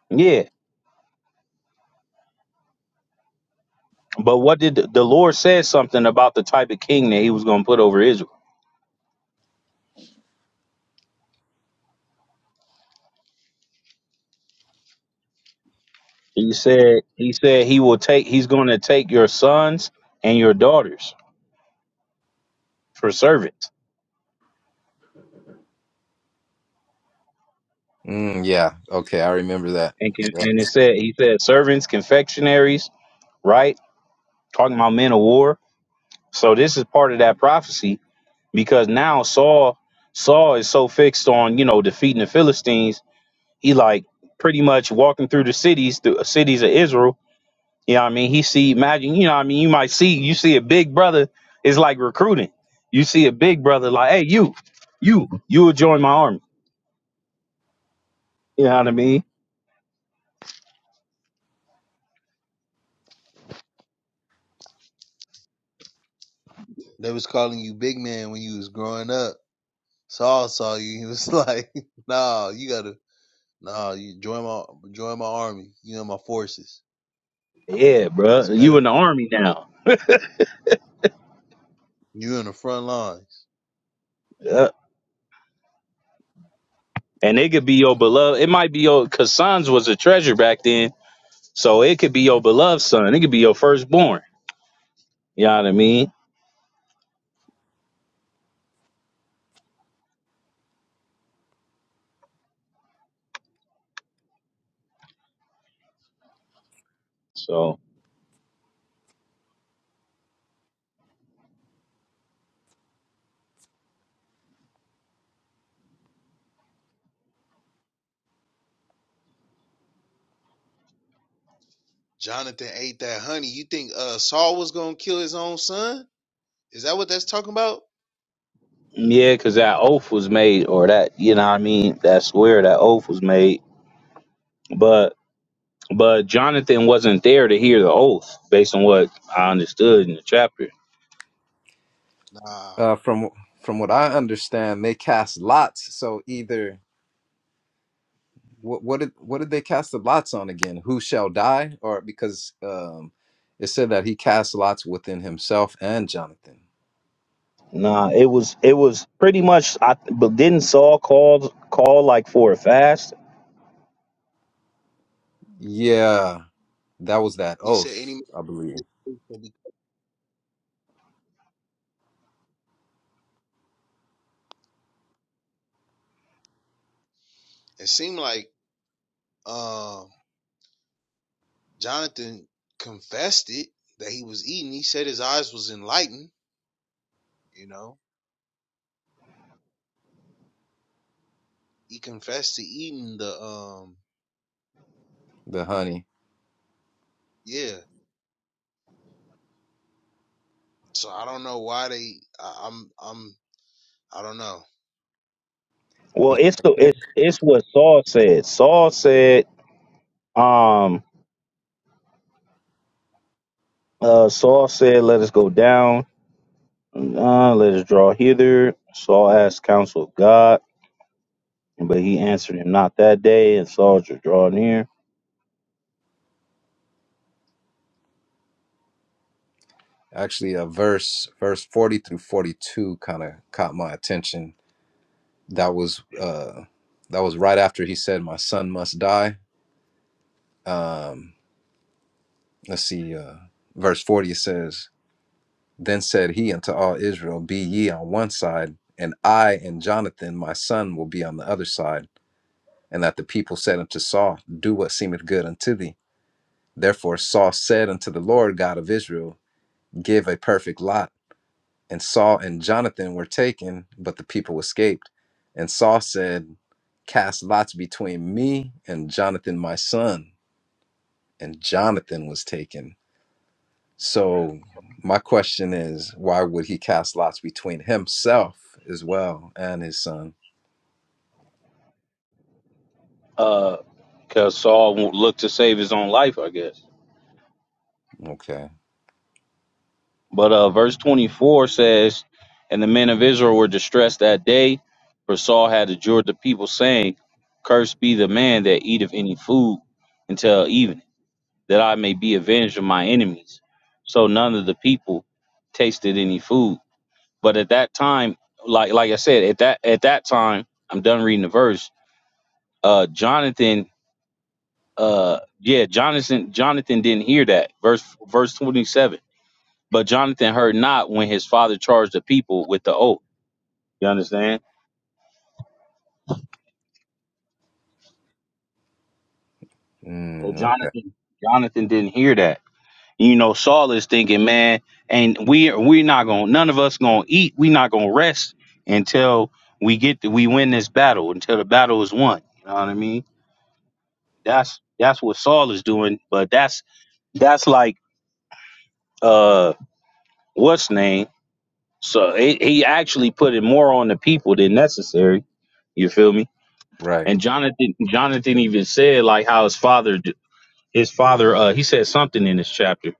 A: yeah but what did the, the lord said something about the type of king that he was going to put over israel he said he said he will take he's going to take your sons and your daughters for servants
C: Mm, yeah. Okay, I remember that.
A: and can,
C: Yeah.
A: and it said he said servants confectionaries right? Talking about men of war. So this is part of that prophecy because now Saul Saul is so fixed on you know defeating the Philistines, he like pretty much walking through the cities, the cities of Israel. You know what I mean? He see imagine you know what I mean you might see you see a big brother is like recruiting. You see a big brother like hey you you you will join my army. You know what I mean?
B: They was calling you big man when you was growing up. Saul saw you, he was like, Nah, you gotta nah, you join my join my army, you know my forces.
A: Yeah, bro,
B: It's matter
A: you in the army now.
B: you in the front lines.
A: Yeah. And it could be your beloved. It might be your because Sons was a treasure back then So it could be your beloved son. It could be your firstborn. You know what I mean? So
B: Jonathan ate that honey. You think uh Saul was gonna kill his own son? Is that what that's talking about?
A: yeah, because that oath was made, or that you know what I mean. That swear that oath was made, but but Jonathan wasn't there to hear the oath, based on what I understood in the chapter.
B: Nah.
C: Uh, from from what I understand, they cast lots. So either what what did what did they cast the lots on again? Who shall die? Or because um it said that he cast lots within himself and Jonathan.
A: Nah, it was it was pretty much. I but didn't Saul call call like for a fast?
C: Yeah, that was that
B: He said
C: oath,
B: any
C: I believe.
B: it seemed like um Jonathan confessed it that he was eating. He said his eyes was enlightened. You know, he confessed to eating the um.
C: The honey.
B: Yeah. So I don't know why they. I, I'm. I'm. I don't know.
A: Well,
C: Because
A: it's the it's it's what Saul said. Saul said, um, uh, Saul said, "Let us go down." Nah, let us draw hither. Saul asked counsel of God, but he answered him not that day, and Saul drew draw near.
C: actually a verse verse 40 through 42 kind of caught my attention. That was uh that was right after he said my son must die. Um let's see uh verse 40 says Then said he unto all Israel, Be ye on one side, and I and Jonathan my son will be on the other side. And that the people said unto Saul, Do what seemeth good unto thee. Therefore Saul said unto the Lord God of Israel, Give a perfect lot. And Saul and Jonathan were taken, but the people escaped. And Saul said, Cast lots between me and Jonathan my son. And Jonathan was taken. So my question is, why would he cast lots between himself as well and his son?
A: Uh, Because Saul won't look to save his own life, I guess.
C: Okay.
A: But uh, verse 24 says, And the men of Israel were distressed that day, for Saul had adjured the people, saying, Cursed be the man that eateth any food until evening, that I may be avenged of my enemies. So none of the people tasted any food. But at that time, like like I said, at that at that time, I'm done reading the verse. Uh, Jonathan, uh, yeah, Jonathan, Jonathan didn't hear that verse verse 27. But Jonathan heard not when his father charged the people with the oath. You understand? So
C: Mm, okay.
A: Jonathan, Jonathan didn't hear that. You know, Saul is thinking, man, and we we're not gonna none of us gonna eat. we not gonna rest until we get the, we win this battle until the battle is won. You know what I mean? That's that's what Saul is doing, but that's that's like uh what's name? So he he actually put it more on the people than necessary. You feel me?
C: Right.
A: And Jonathan Jonathan even said like how his father d- his father uh he said something in this chapter.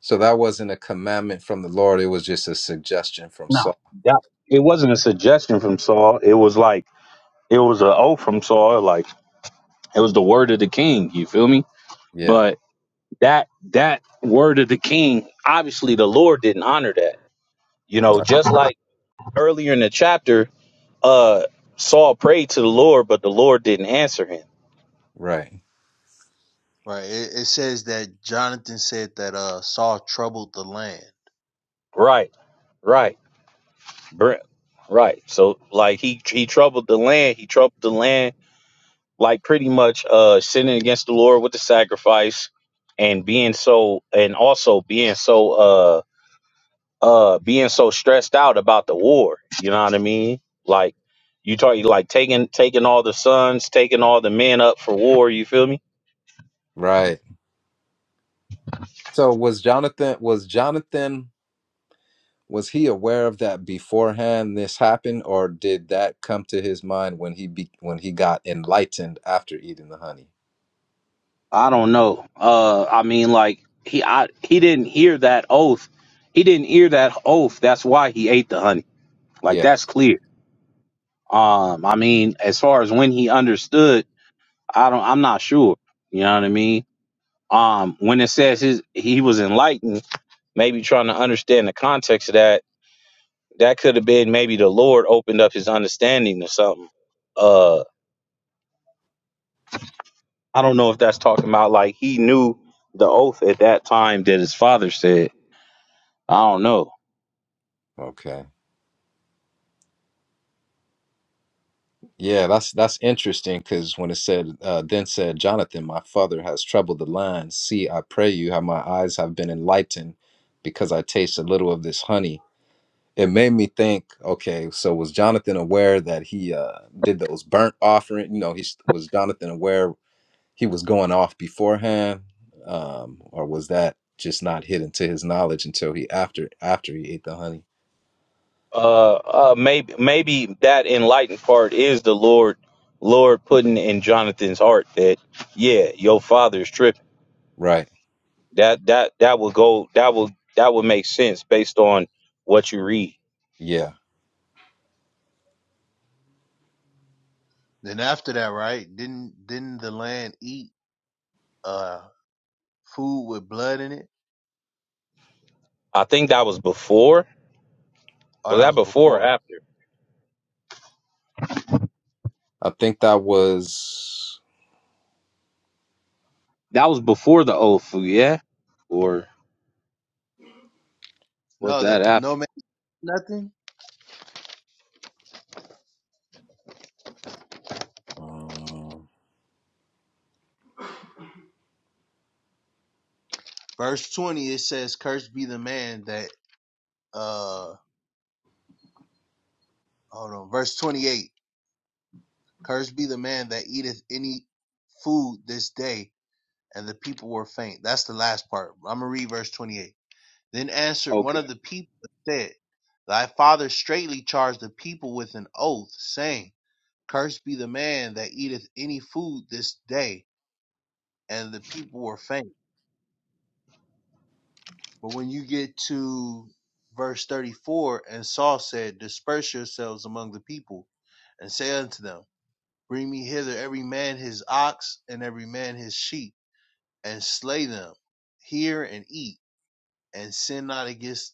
C: So that wasn't a commandment from the Lord. It was just a suggestion from
A: No,
C: Saul.
A: that it wasn't a suggestion from Saul. It was like it was a oath from Saul. Like it was the word of the king. You feel me?
C: Yeah.
A: But that that word of the king, obviously the Lord didn't honor that. You know,
C: Right.
A: just like earlier in the chapter, uh, Saul prayed to the Lord, but the Lord didn't answer him.
C: Right.
B: Right. It, it says that Jonathan said that uh Saul troubled the land.
A: Right, right, Br- right. So like he he troubled the land. He troubled the land like pretty much uh sinning against the Lord with the sacrifice and being so and also being so uh uh being so stressed out about the war. You know what I mean? Like you talk like taking taking all the sons, taking all the men up for war. You feel me?
C: Right. So was Jonathan was Jonathan was he aware of that beforehand this happened or did that come to his mind when he be, when he got enlightened after eating the honey?
A: I don't know. Uh, I mean, like he, I, he didn't hear that oath. He didn't hear that oath. That's why he ate the honey. Like
C: Yeah.
A: that's clear. Um, I mean, as far as when he understood, I don't. I'm not sure. You know what I mean? Um, when it says his, he was enlightened, maybe trying to understand the context of that. That could have been maybe the Lord opened up his understanding or something. Uh, I don't know if that's talking about like he knew the oath at that time that his father said. I don't know
C: Okay. Yeah, that's that's interesting because when it said, uh, then said Jonathan, my father has troubled the line. See, I pray you how my eyes have been enlightened because I taste a little of this honey. It made me think, okay, so was Jonathan aware that he uh, did those burnt offering? You know, he was Jonathan aware he was going off beforehand, um, or was that just not hidden to his knowledge until he after after he ate the honey?
A: uh, uh maybe maybe that enlightened part is the Lord Lord putting in Jonathan's heart that yeah, your father is tripping.
C: Right.
A: That that that will go that will that would make sense based on what you read.
C: Yeah,
B: Then after that, right? Didn't didn't the land eat uh food with blood in it?
A: I think that was before.
B: Oh,
A: Was
B: that
A: that
B: was
A: before or
B: before.
A: after?
C: I think that was
A: That was before the oath, yeah? Or was
B: No,
A: that
B: that no
A: after?
B: man nothing.
C: um,
B: Verse twenty it says, "Cursed be the man that." uh." Hold on. Verse 28. Cursed be the man that eateth any food this day. And the people were faint. That's the last part. I'm going to read verse 28. Then answered one
A: Okay.
B: of the people and said, Thy father straitly charged the people with an oath, saying, Cursed be the man that eateth any food this day. And the people were faint. But when you get to verse 34, and Saul said, Disperse yourselves among the people and say unto them, Bring me hither every man his ox and every man his sheep, and slay them here and eat, and sin not against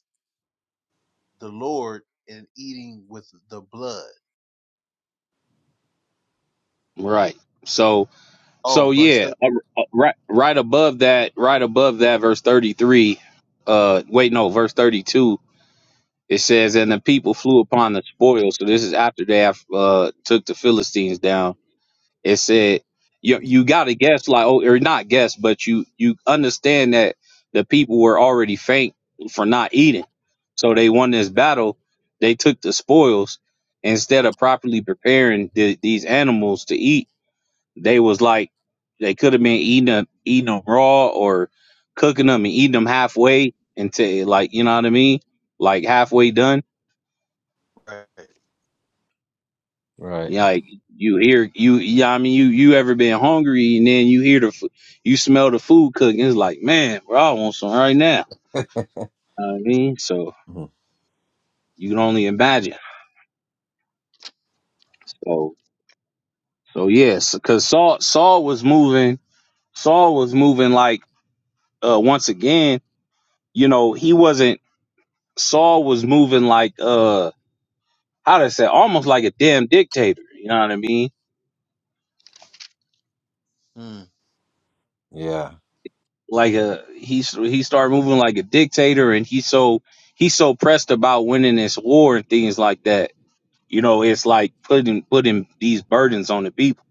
B: the Lord in eating with the blood.
A: Right. So
B: Oh,
A: so
B: verse
A: yeah,
B: 30.
A: uh, uh, right right above that, right above that verse 33 uh wait no, verse 32 It says, and the people flew upon the spoils. So this is after they have uh, took the Philistines down. It said, you you got to guess like oh or not guess, but you you understand that the people were already faint for not eating, so they won this battle. They took the spoils instead of properly preparing the, these animals to eat. They was like they could have been eating them eating them raw or cooking them and eating them halfway until like you know what I mean, like halfway done
B: right.
C: right.
A: Yeah, like you hear you yeah, I mean you you ever been hungry and then you hear the fu- you smell the food cooking, it's like, man, bro, I want some right now. You know what I mean? So
C: Mhm.
A: you can only imagine. So so yes, cause Saul Saul was moving Saul was moving like uh once again, you know, he wasn't Saul was moving like uh how to say almost like a damn dictator, you know what I mean?
B: Hmm.
C: Yeah,
A: like a he's he started moving like a dictator and he's so he's so pressed about winning this war and things like that you know it's like putting putting these burdens on the people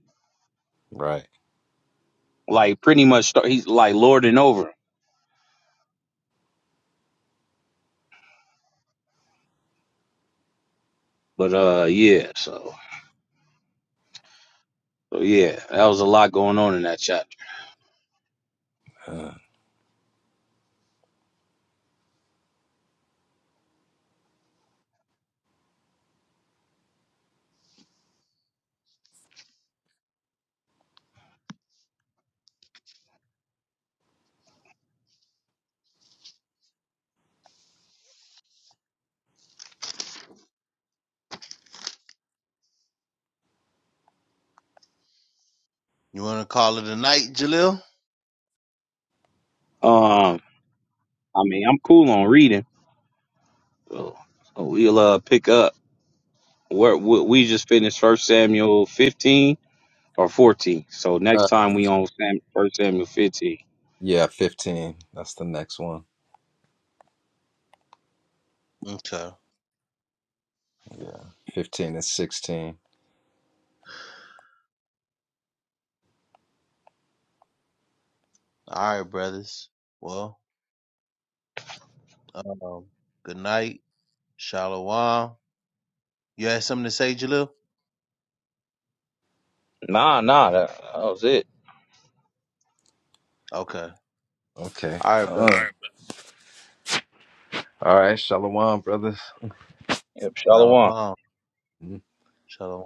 C: right.
A: like pretty much start, he's like lording over 'em. but uh yeah so, so yeah that was a lot going on in that chapter
C: Uh,
B: You want to call it a night, Jalil?
A: um i mean i'm cool on reading so, so we'll uh pick up where we we just finished first samuel 15 or 14 so next
C: uh,
A: time we on Sam, first samuel 15
C: yeah, 15. That's the next one.
B: Okay.
C: Yeah, 15 and 16.
B: All right, brothers. Well, um, good night. Shalom. You had something to say, Jalil?
A: Nah, nah, that, that was it.
B: Okay.
C: Okay,
B: All right, brother.
C: come. All right, Shalom, brothers.
A: Yep, Shalom.
B: Shalom. Shalom.